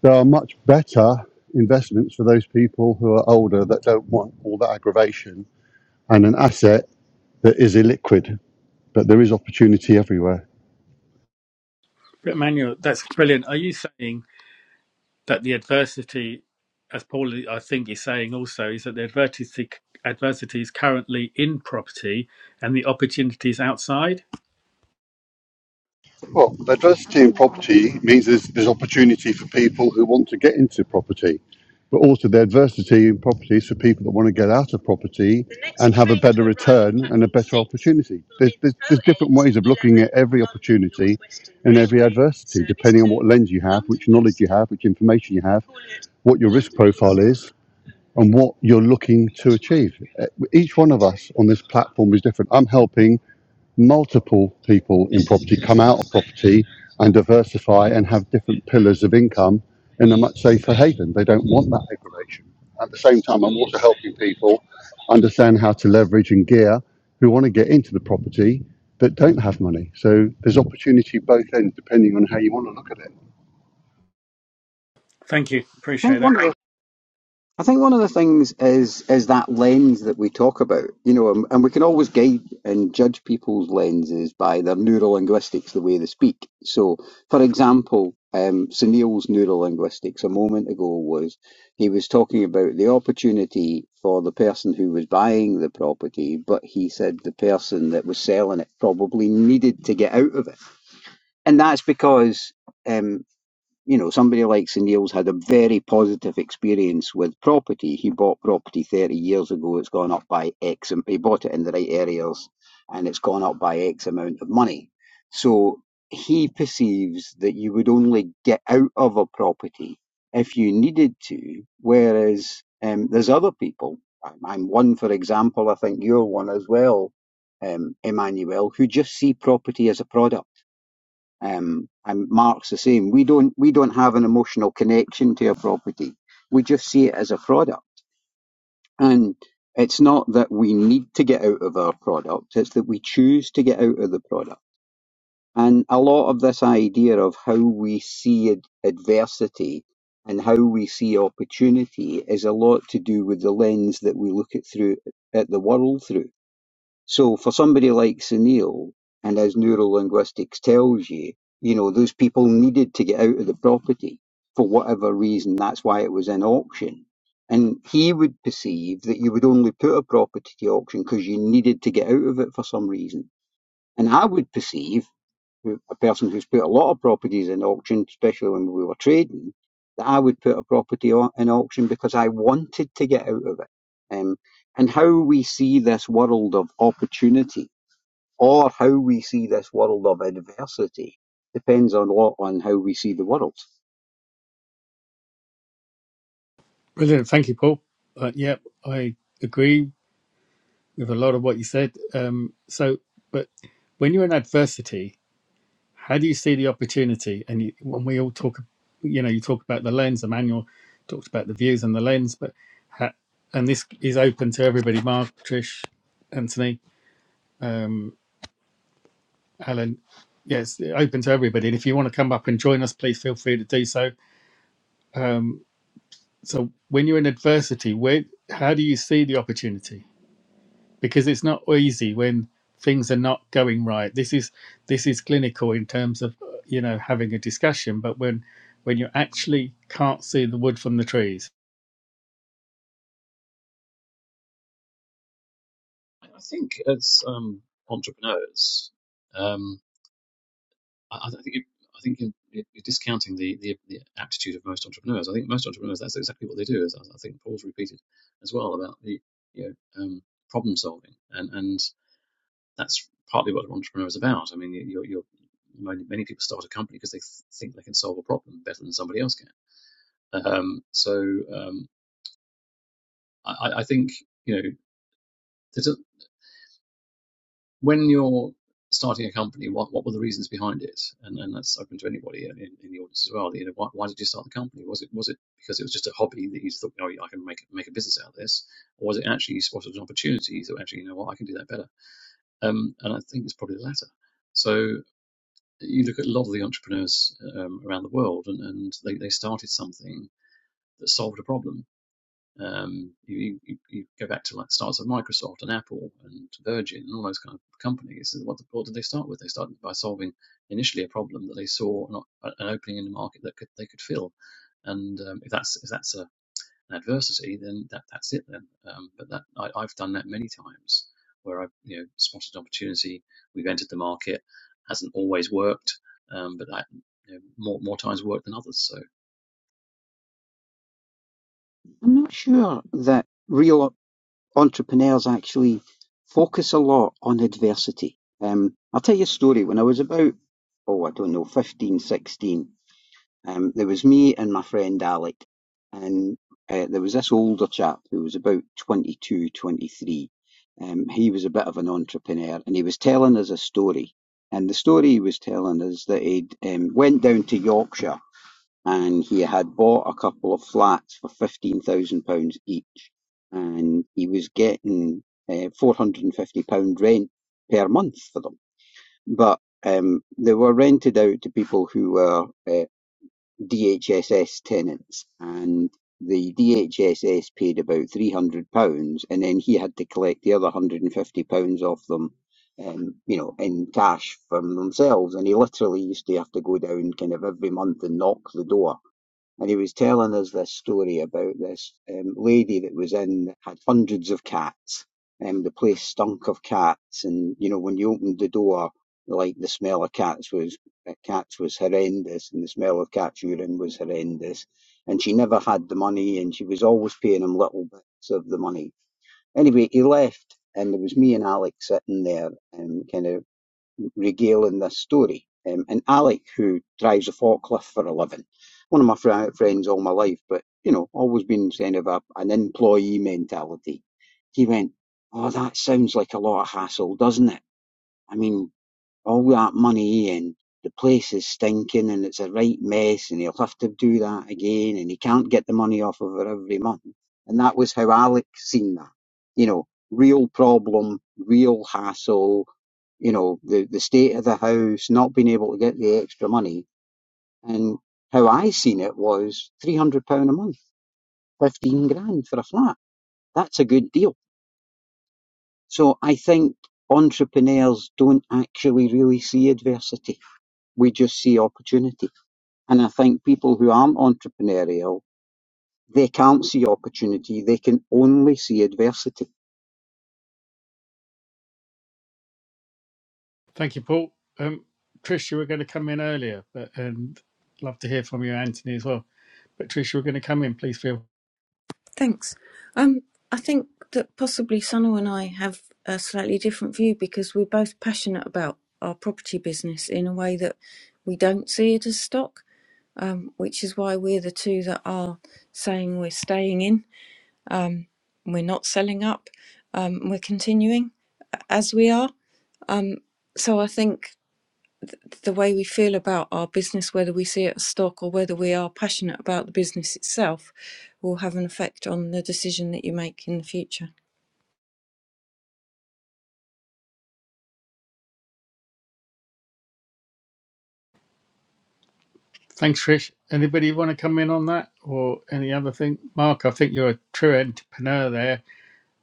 Speaker 5: there are much better investments for those people who are older that don't want all that aggravation and an asset that is illiquid, but there is opportunity everywhere.
Speaker 1: But Emmanuel, that's brilliant. Are you saying that the adversity, as Paul I think is saying also, is that the adversity adversity is currently in property and the opportunities outside?
Speaker 5: Well, diversity in property means there's, there's opportunity for people who want to get into property, but also the adversity in property is for people that want to get out of property and have a better return and a better opportunity. There's, there's, there's different ways of looking at every opportunity and every adversity, depending on what lens you have, which knowledge you have, which information you have, what your risk profile is, and what you're looking to achieve. Uh, Each one of us on this platform is different. I'm helping multiple people in property come out of property and diversify and have different pillars of income in a much safer haven. They don't want that aggravation. At the same time, I'm also helping people understand how to leverage and gear who want to get into the property that don't have money. So there's opportunity both ends depending on how you want to look at it.
Speaker 1: Thank you.
Speaker 7: I
Speaker 1: Appreciate
Speaker 7: think one
Speaker 1: that.
Speaker 7: of the I think one of the things is is that lens that we talk about, you know, and, and we can always guide and judge people's lenses by their neurolinguistics, the way they speak. So, for example, um, Sunil's neurolinguistics a moment ago was he was talking about the opportunity for the person who was buying the property, but he said the person that was selling it probably needed to get out of it, and that's because. Um, you know, somebody like Sunil's had a very positive experience with property. He bought property 30 years ago. It's gone up by X, and he bought it in the right areas, and it's gone up by X amount of money. So he perceives that you would only get out of a property if you needed to, whereas um, there's other people. I'm I'm one, for example. I think you're one as well, um, Emmanuel, who just see property as a product um, and Mark's the same. We don't we don't have an emotional connection to a property. We just see it as a product. And it's not that we need to get out of our product, it's that we choose to get out of the product. And a lot of this idea of how we see ad- adversity and how we see opportunity is a lot to do with the lens that we look at through at the world through so for somebody like Sunil and as neurolinguistics tells you, you know, those people needed to get out of the property for whatever reason. That's why it was an auction. And he would perceive that you would only put a property to auction because you needed to get out of it for some reason. And I would perceive a person who's put a lot of properties in auction, especially when we were trading, that I would put a property au- in auction because I wanted to get out of it. Um, and how we see this world of opportunity or how we see this world of adversity depends a lot on how we see the world.
Speaker 1: Brilliant. Thank you, Paul. Uh, yeah, I agree with a lot of what you said. Um, so, but when you're in adversity, How do you see the opportunity? And you, when we all talk, you know, you talk about the lens. Emmanuel talked about the views and the lens, but ha- and this is open to everybody. Mark, Trish, Anthony, um, Alan. Yes, open to everybody. And if you want to come up and join us, please feel free to do so. So when you're in adversity, where how do you see the opportunity? because it's not easy when things are not going right. This is this is clinical in terms of you know having a discussion, but when when you actually can't see the wood from the trees.
Speaker 2: I think as um, entrepreneurs, um, I, I think. You, I think you're, you're discounting the, the, the aptitude of most entrepreneurs. I think most entrepreneurs, that's exactly what they do. As I think Paul's repeated as well about the you know, um, problem solving. and, and that's partly what an entrepreneur is about. I mean, you- are you're many, many people start a company because they th- think they can solve a problem better than somebody else can. Um, so um, I, I I think you know there's a, when you're starting a company, what what were the reasons behind it? And, and that's open to anybody in, in the audience as well. You know, why, why did you start the company? Was it was it because it was just a hobby that you thought, oh, I can make make a business out of this, or was it actually you spotted an opportunity? You thought, actually, you know what, I can do that better. Um, and I think it's probably the latter. So you look at a lot of the entrepreneurs um, around the world, and, and they, they started something that solved a problem. Um, you, you, you go back to like starts of Microsoft and Apple and Virgin and all those kind of companies. and What, the, what did they start with? They started by solving initially a problem that they saw an, an opening in the market that could, they could fill. And um, if that's if that's a and adversity, then that, that's it then. Um, but that I, I've done that many times where I've you know spotted an opportunity, we've entered the market, hasn't always worked, um, but that you know, more more times worked than others. So.
Speaker 7: I'm not sure that real entrepreneurs actually focus a lot on adversity. Um, I'll tell you a story. When I was about, oh, I don't know, 15, 16. Um, there was me and my friend Alec, and uh, there was this older chap who was about 22, 23. Um, he was a bit of an entrepreneur, and he was telling us a story. And the story he was telling us that he'd um, went down to Yorkshire and he had bought a couple of flats for fifteen thousand pounds each, and he was getting uh, four hundred and fifty pound rent per month for them. But um, they were rented out to people who were uh, DHSS tenants, and the DHSS paid about three hundred pounds, and then he had to collect the other one hundred and fifty pounds off them, um, you know, in cash from themselves. And he literally used to have to go down kind of every month and knock the door and he was telling us this story about this um, lady that was in had hundreds of cats. Um, the place stunk of cats, and you know when you opened the door, like the smell of cats was uh, cats was horrendous, and the smell of cat's urine was horrendous. And she never had the money, and she was always paying him little bits of the money. Anyway, he left, and there was me and Alex sitting there, and kind of Regale in this story. Um, and Alec, who drives a forklift for a living, one of my fri friends all my life, but you know, always been kind of a, an employee mentality. He went, "Oh, that sounds like a lot of hassle, doesn't it? I mean, all that money and the place is stinking and it's a right mess and he'll have to do that again and he can't get the money off of her every month. And that was how Alec seen that. You know, real problem, real hassle, you know, the, the state of the house, not being able to get the extra money. And how I seen it was £300 a month, 15 grand for a flat. That's a good deal. So I think entrepreneurs don't actually really see adversity We just see opportunity. And I think people who aren't entrepreneurial, they can't see opportunity. They can only see adversity.
Speaker 1: Thank you, Paul. Um, Trish, you were going to come in earlier, but and love to hear from you, Anthony, as well. But Trish, you were going to come in. Please feel.
Speaker 3: Thanks. Um, I think that possibly Sano and I have a slightly different view because we're both passionate about our property business in a way that we don't see it as stock, um, which is why we're the two that are saying we're staying in. Um, we're not selling up. Um, we're continuing as we are. Um, so I think the way we feel about our business, whether we see it as stock or whether we are passionate about the business itself, will have an effect on the decision that you make in the future.
Speaker 1: Thanks, Trish. Anybody want to come in on that or any other thing? Mark, I think you're a true entrepreneur there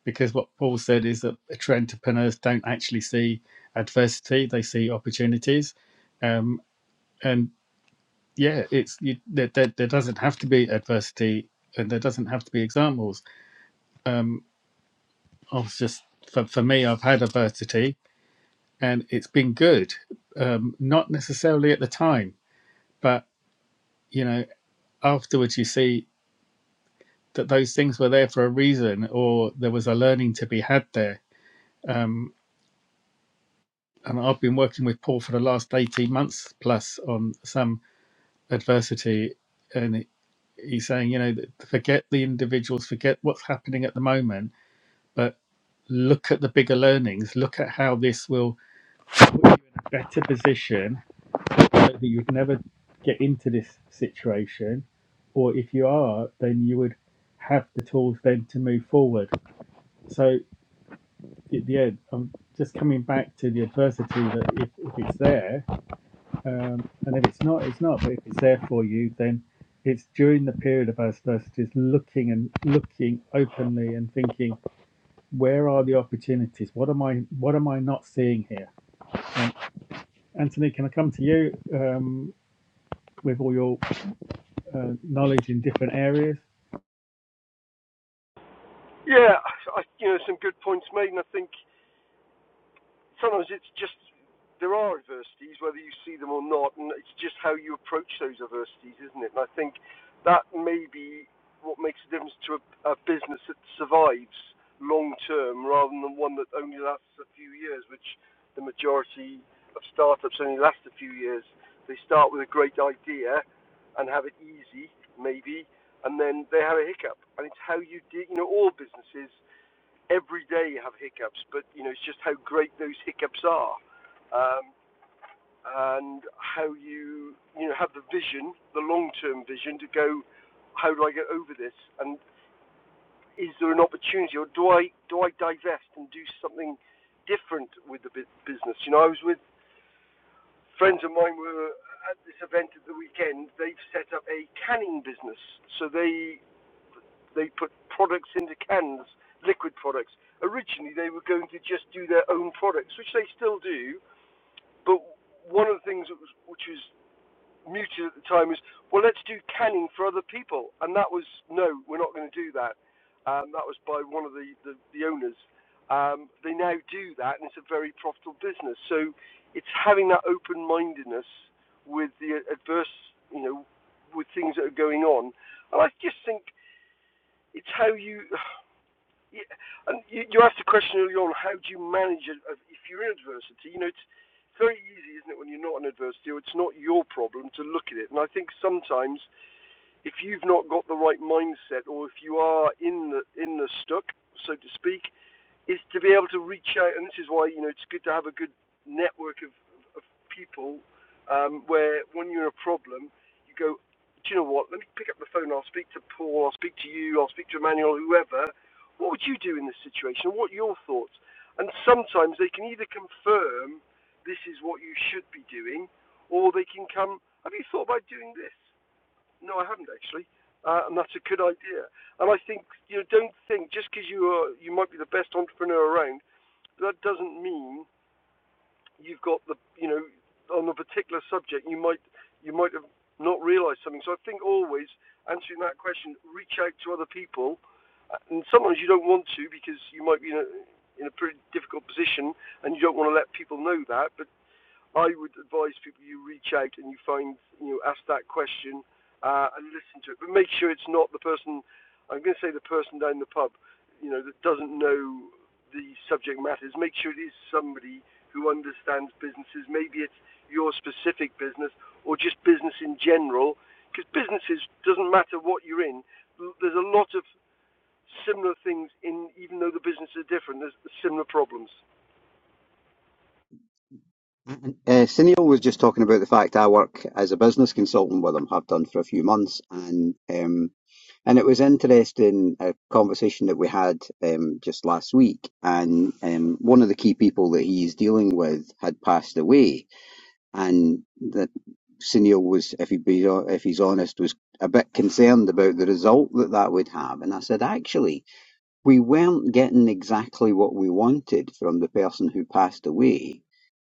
Speaker 1: because what Paul said is that entrepreneurs don't actually see adversity; they see opportunities. Um, and yeah, it's you, there, there, there doesn't have to be adversity, and there doesn't have to be examples. Um, I was just for, for me, I've had adversity, and it's been good. Um, not necessarily at the time, but you know, afterwards you see that those things were there for a reason, or there was a learning to be had there. Um, and I've been working with Paul for the last 18 months plus on some adversity. And he's saying, you know, forget the individuals, forget what's happening at the moment, but look at the bigger learnings. Look at how this will put you in a better position so that you'd never get into this situation. Or if you are, then you would have the tools then to move forward. So at the end, I'm just coming back to the adversity that if, if it's there, Um, and if it's not, it's not. But if it's there for you, then it's during the period of adversity, looking and looking openly and thinking, where are the opportunities? What am I? What am I not seeing here? Um, Anthony, can I come to you um, with all your uh, knowledge in different areas?
Speaker 4: Yeah, I, you know, some good points made, and I think sometimes it's just there are adversities, whether you see them or not, and it's just how you approach those adversities, isn't it? And I think that may be what makes the difference to a, a business that survives long term rather than one that only lasts a few years, which the majority of startups only last a few years. They start with a great idea and have it easy, maybe, and then they have a hiccup. And it's how you deal, you know, all businesses every day you have hiccups, but you know it's just how great those hiccups are, um, and how you you know have the vision, the long-term vision to go, how do I get over this, and is there an opportunity, or do I do I divest and do something different with the business? You know, I was with friends of mine were at this event at the weekend. They've set up a canning business, so they They put products into cans, liquid products. Originally, they were going to just do their own products, which they still do. But one of the things that was, which was muted at the time was, well, let's do canning for other people, and that was no, we're not going to do that. Um, that was by one of the the, the owners. Um, they now do that, and it's a very profitable business. So it's having that open-mindedness with the adverse, you know, with things that are going on. And I just think it's how you. Yeah, and you, you asked a question earlier on. How do you manage it if if you're in adversity? You know, it's very easy, isn't it, when you're not in adversity or it's not your problem to look at it. And I think sometimes if you've not got the right mindset or if you are in the in the stuck, so to speak, is to be able to reach out, and this is why you know it's good to have a good network of, of people um, where when you're in a problem, you go, do you know what? Let me pick up the phone. I'll speak to Paul. I'll speak to you. I'll speak to Emmanuel. Whoever. What would you do in this situation? What are your thoughts? And sometimes they can either confirm this is what you should be doing, or they can come. Have you thought about doing this? No, I haven't actually, uh, and that's a good idea. And I think you know, don't think just because you are you might be the best entrepreneur around, that doesn't mean you've got the you know on a particular subject you might you might have not realised something. So I think always answering that question, reach out to other people, and sometimes you don't want to because you might be in a in a pretty difficult position and you don't want to let people know that, but I would advise people you reach out and you find, you know, ask that question uh, and listen to it. But make sure it's not the person, I'm going to say the person down the pub, you know, that doesn't know the subject matters. Make sure it is somebody who understands businesses. Maybe it's your specific business or just business in general, because businesses doesn't matter what you're in. There's a lot of similar things in, even though the businesses are different. There's similar problems.
Speaker 7: Uh, Sunil was just talking about the fact I work as a business consultant with him, have done for a few months, and um, and it was interesting a conversation that we had um, just last week. And um, one of the key people that he's dealing with had passed away, and that Sunil was, if he be, if he's honest, was a bit concerned about the result that that would have. And I said, actually. We weren't getting exactly what we wanted from the person who passed away,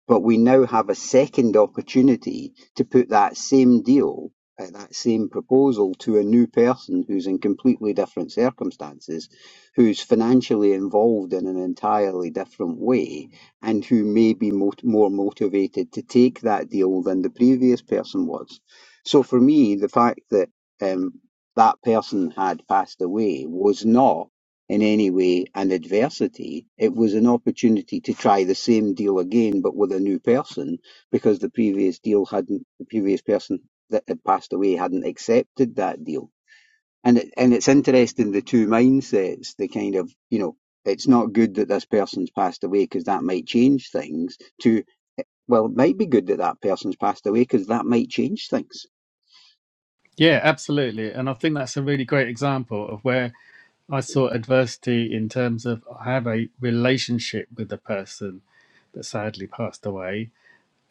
Speaker 7: but we now have a second opportunity to put that same deal, uh, that same proposal to a new person who's in completely different circumstances, who's financially involved in an entirely different way, and who may be mot- more motivated to take that deal than the previous person was. So for me, the fact that um, that person had passed away was not in any way an adversity. It was an opportunity to try the same deal again, but with a new person, because the previous deal hadn't, the previous person that had passed away hadn't accepted that deal. And it, and it's interesting the two mindsets, the kind of you know, it's not good that this person's passed away because that might change things. To well, it might be good that that person's passed away because that might change things
Speaker 1: Yeah, absolutely. And I think that's a really great example of where I saw adversity in terms of I have a relationship with the person that sadly passed away.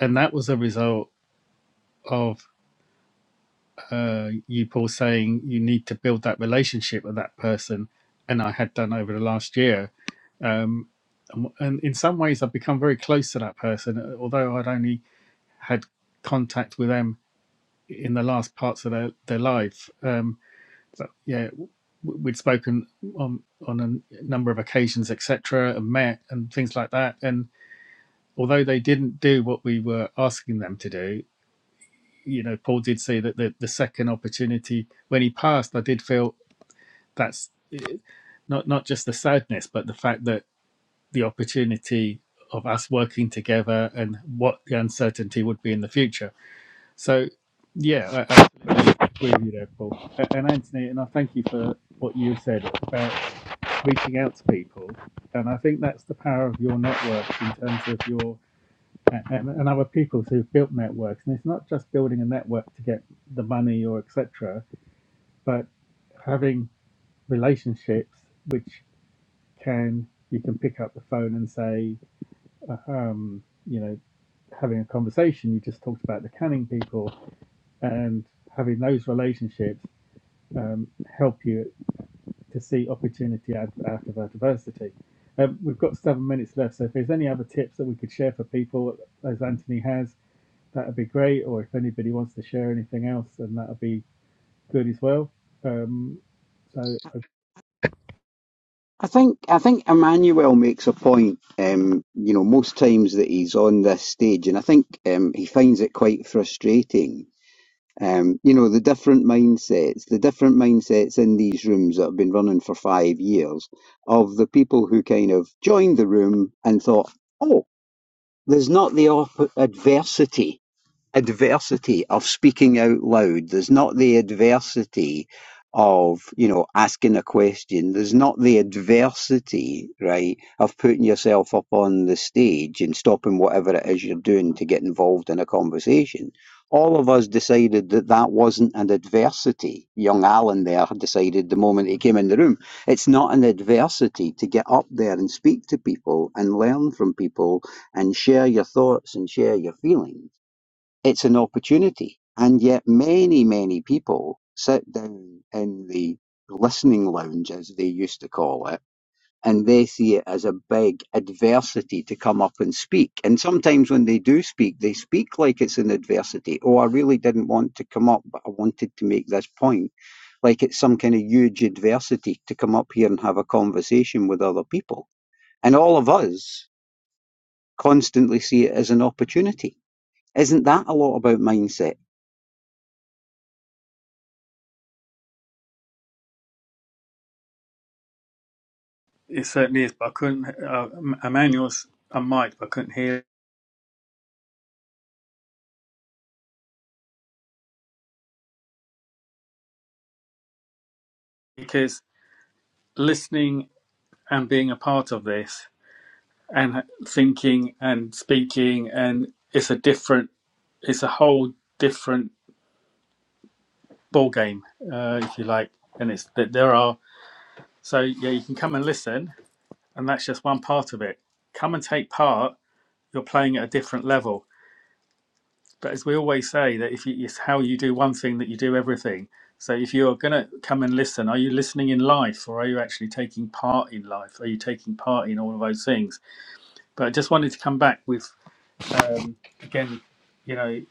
Speaker 1: And that was a result of uh, you, Paul, saying you need to build that relationship with that person, and I had done over the last year. Um, and and in some ways, I've become very close to that person, uh, although I'd only had contact with them in the last parts of their, their life. Um, but yeah, w- we'd spoken on on a n- number of occasions, etc., and met and things like that. And although they didn't do what we were asking them to do, you know, Paul did say that the, the second opportunity when he passed, I did feel that's eh, not not just the sadness, but the fact that the opportunity of us working together and what the uncertainty would be in the future. So, yeah, I absolutely agree with you there, Paul. And Anthony, and I thank you for what you said about reaching out to people. And I think that's the power of your network in terms of your and, and other people who've built networks. And it's not just building a network to get the money or etc., but having relationships which can you can pick up the phone and say, uh, um, you know, having a conversation. You just talked about the canning people, and having those relationships um, help you to see opportunity out, out of adversity. Um, we've got seven minutes left, so if there's any other tips that we could share for people, as Anthony has, that'd be great. Or if anybody wants to share anything else, then that'd be good as well. Um, so I
Speaker 7: I think I think Emmanuel makes a point, um, you know, most times that he's on this stage, and I think um, he finds it quite frustrating. Um, you know, the different mindsets, the different mindsets in these rooms that have been running for five years of the people who kind of joined the room and thought, oh, there's not the op- adversity adversity of speaking out loud. There's not the adversity of, you know, asking a question. There's not the adversity, right, of putting yourself up on the stage and stopping whatever it is you're doing to get involved in a conversation. All of us decided that that wasn't an adversity. Young Alan there decided the moment he came in the room. It's not an adversity to get up there and speak to people and learn from people and share your thoughts and share your feelings it's an opportunity. And yet many, many people sit down in the listening lounge, as they used to call it, and they see it as a big adversity to come up and speak. And sometimes when they do speak, they speak like it's an adversity. Oh, I really didn't want to come up, but I wanted to make this point. Like it's some kind of huge adversity to come up here and have a conversation with other people. And all of us constantly see it as an opportunity. Isn't that a lot about mindset?
Speaker 1: It certainly is, but I couldn't. Uh, Emmanuel's a mic, but I couldn't hear because listening and being a part of this and thinking and speaking and it's a different, it's a whole different ball game, uh, if you like. And it's that there are so yeah, you can come and listen, and that's just one part of it. Come and take part. You're playing at a different level. But as we always say, that if you, it's how you do one thing that you do everything. So if you're going to come and listen, are you listening in life or are you actually taking part in life? Are you taking part in all of those things? But I just wanted to come back with, um, again, you know,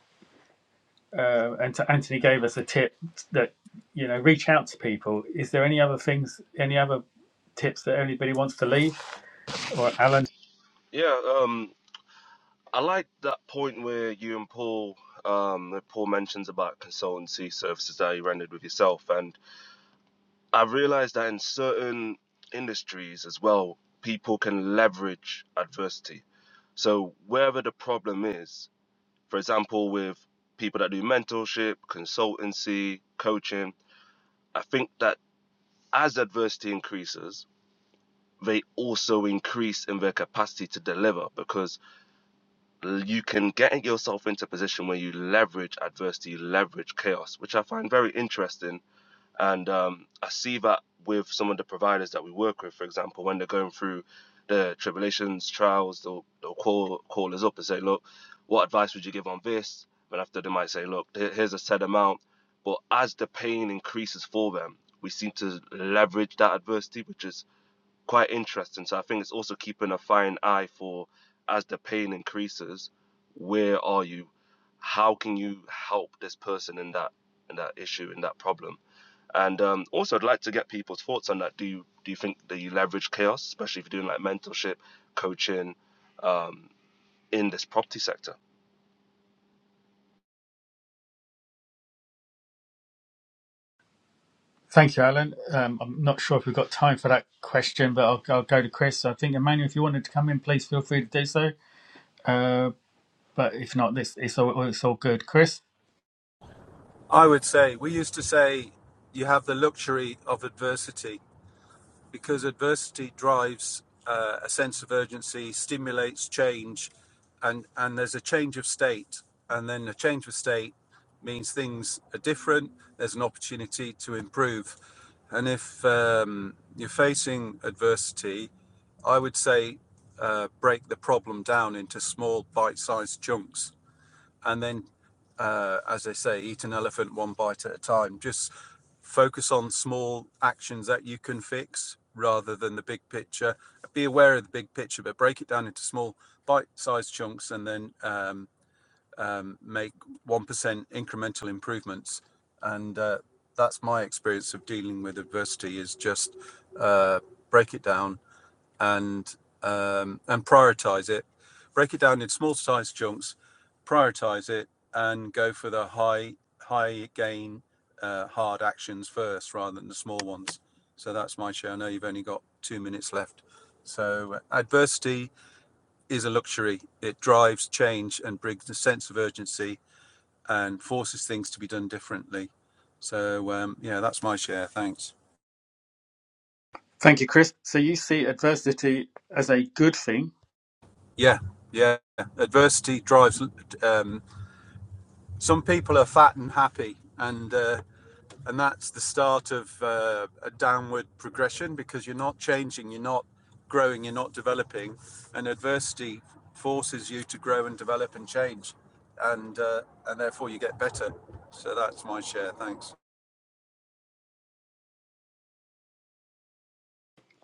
Speaker 1: uh, and to- Anthony gave us a tip that, you know, reach out to people. Is there any other things, any other tips that anybody wants to leave? Or Alan,
Speaker 6: yeah, um, I like that point where you and Paul, um, that Paul mentions about consultancy services that you rendered with yourself. And I've realized that in certain industries as well, people can leverage adversity. So wherever the problem is, for example, with people that do mentorship, consultancy, coaching, I think that as adversity increases, they also increase in their capacity to deliver because you can get yourself into a position where you leverage adversity, you leverage chaos, which I find very interesting And um, I see that with some of the providers that we work with, for example, when they're going through the tribulations, trials, they'll, they'll call, call us up and say, look, what advice would you give on this? And after they might say, look, here's a set amount. But as the pain increases for them, we seem to leverage that adversity, which is quite interesting. So I think it's also keeping a fine eye for as the pain increases, where are you? How can you help this person in that in that issue in that problem? And um, also, I'd like to get people's thoughts on that. Do you do you think that you leverage chaos, especially if you're doing like mentorship, coaching in this property sector?
Speaker 1: Thank you, Alan. Um, I'm not sure if we've got time for that question, but I'll, I'll go to Chris. I think Emmanuel, if you wanted to come in, please feel free to do so. Uh, but if not, this it's all it's all good. Chris,
Speaker 8: I would say we used to say you have the luxury of adversity because adversity drives uh, a sense of urgency, stimulates change, and and there's a change of state, and then a change of state means things are different. There's an opportunity to improve, and if um, you're facing adversity, I would say uh, break the problem down into small bite-sized chunks and then, uh, as they say, eat an elephant one bite at a time. Just focus on small actions that you can fix rather than the big picture. Be aware of the big picture, but break it down into small bite-sized chunks, and then um, um, make one percent incremental improvements. And uh, that's my experience of dealing with adversity: is just uh, break it down and um, and prioritize it. Break it down in small size chunks, prioritize it, and go for the high high gain uh, hard actions first rather than the small ones. So that's my share. I know you've only got two minutes left. So uh, adversity is a luxury. It drives change and brings a sense of urgency and forces things to be done differently. So um, yeah, that's my share. Thanks.
Speaker 1: thank you, Chris. So you see adversity as a good thing.
Speaker 8: Yeah, yeah. Adversity drives um, some people are fat and happy, and uh, and that's the start of uh, a downward progression because you're not changing, you're not growing, you're not developing, and adversity forces you to grow and develop and change, and uh, and therefore you get better. So that's my share. Thanks.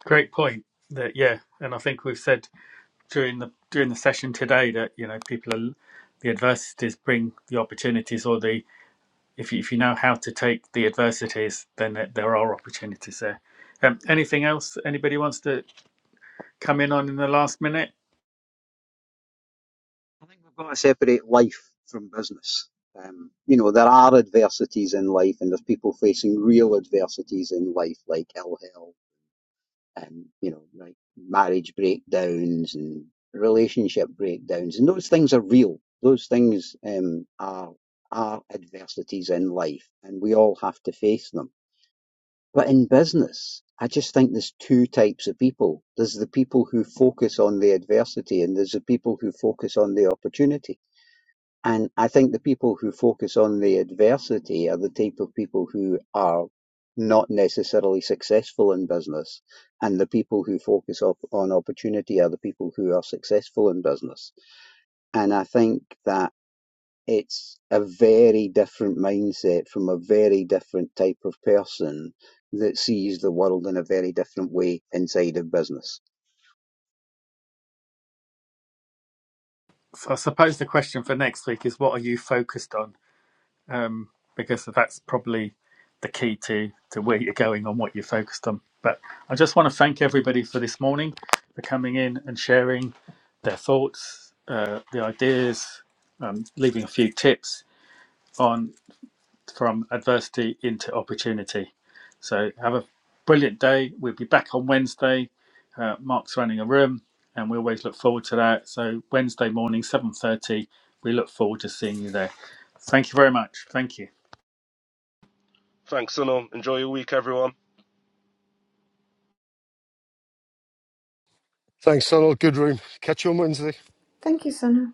Speaker 1: Great point. That yeah, and I think we've said during the during the session today that you know people are the adversities bring the opportunities, or the if you, if you know how to take the adversities, then there there are opportunities there. Um, anything else anybody wants to coming on in the last minute.
Speaker 7: I think we've got to separate life from business. Um, you know, there are adversities in life, and there's people facing real adversities in life, like ill health, and you know, like marriage breakdowns and relationship breakdowns, and those things are real. Those things um, are are adversities in life, and we all have to face them. But in business, I just think there's two types of people. There's the people who focus on the adversity, and there's the people who focus on the opportunity and I think the people who focus on the adversity are the type of people who are not necessarily successful in business. And the people who focus op- on opportunity are the people who are successful in business. And I think that it's a very different mindset from a very different type of person that sees the world in a very different way inside of business.
Speaker 1: So I suppose the question for next week is what are you focused on? Um, because that's probably the key to, to where you're going on what you're focused on. But I just want to thank everybody for this morning for coming in and sharing their thoughts, uh, the ideas, um, leaving a few tips on from adversity into opportunity. So have a brilliant day. We'll be back on Wednesday Uh, Mark's running a room, and we always look forward to that. So Wednesday morning, seven thirty, we look forward to seeing you there. Thank you very much. Thank you.
Speaker 6: Thanks, Sunil. Enjoy your week, everyone.
Speaker 4: Thanks, Sonal. Good room. Catch you on Wednesday.
Speaker 3: Thank you, Sana.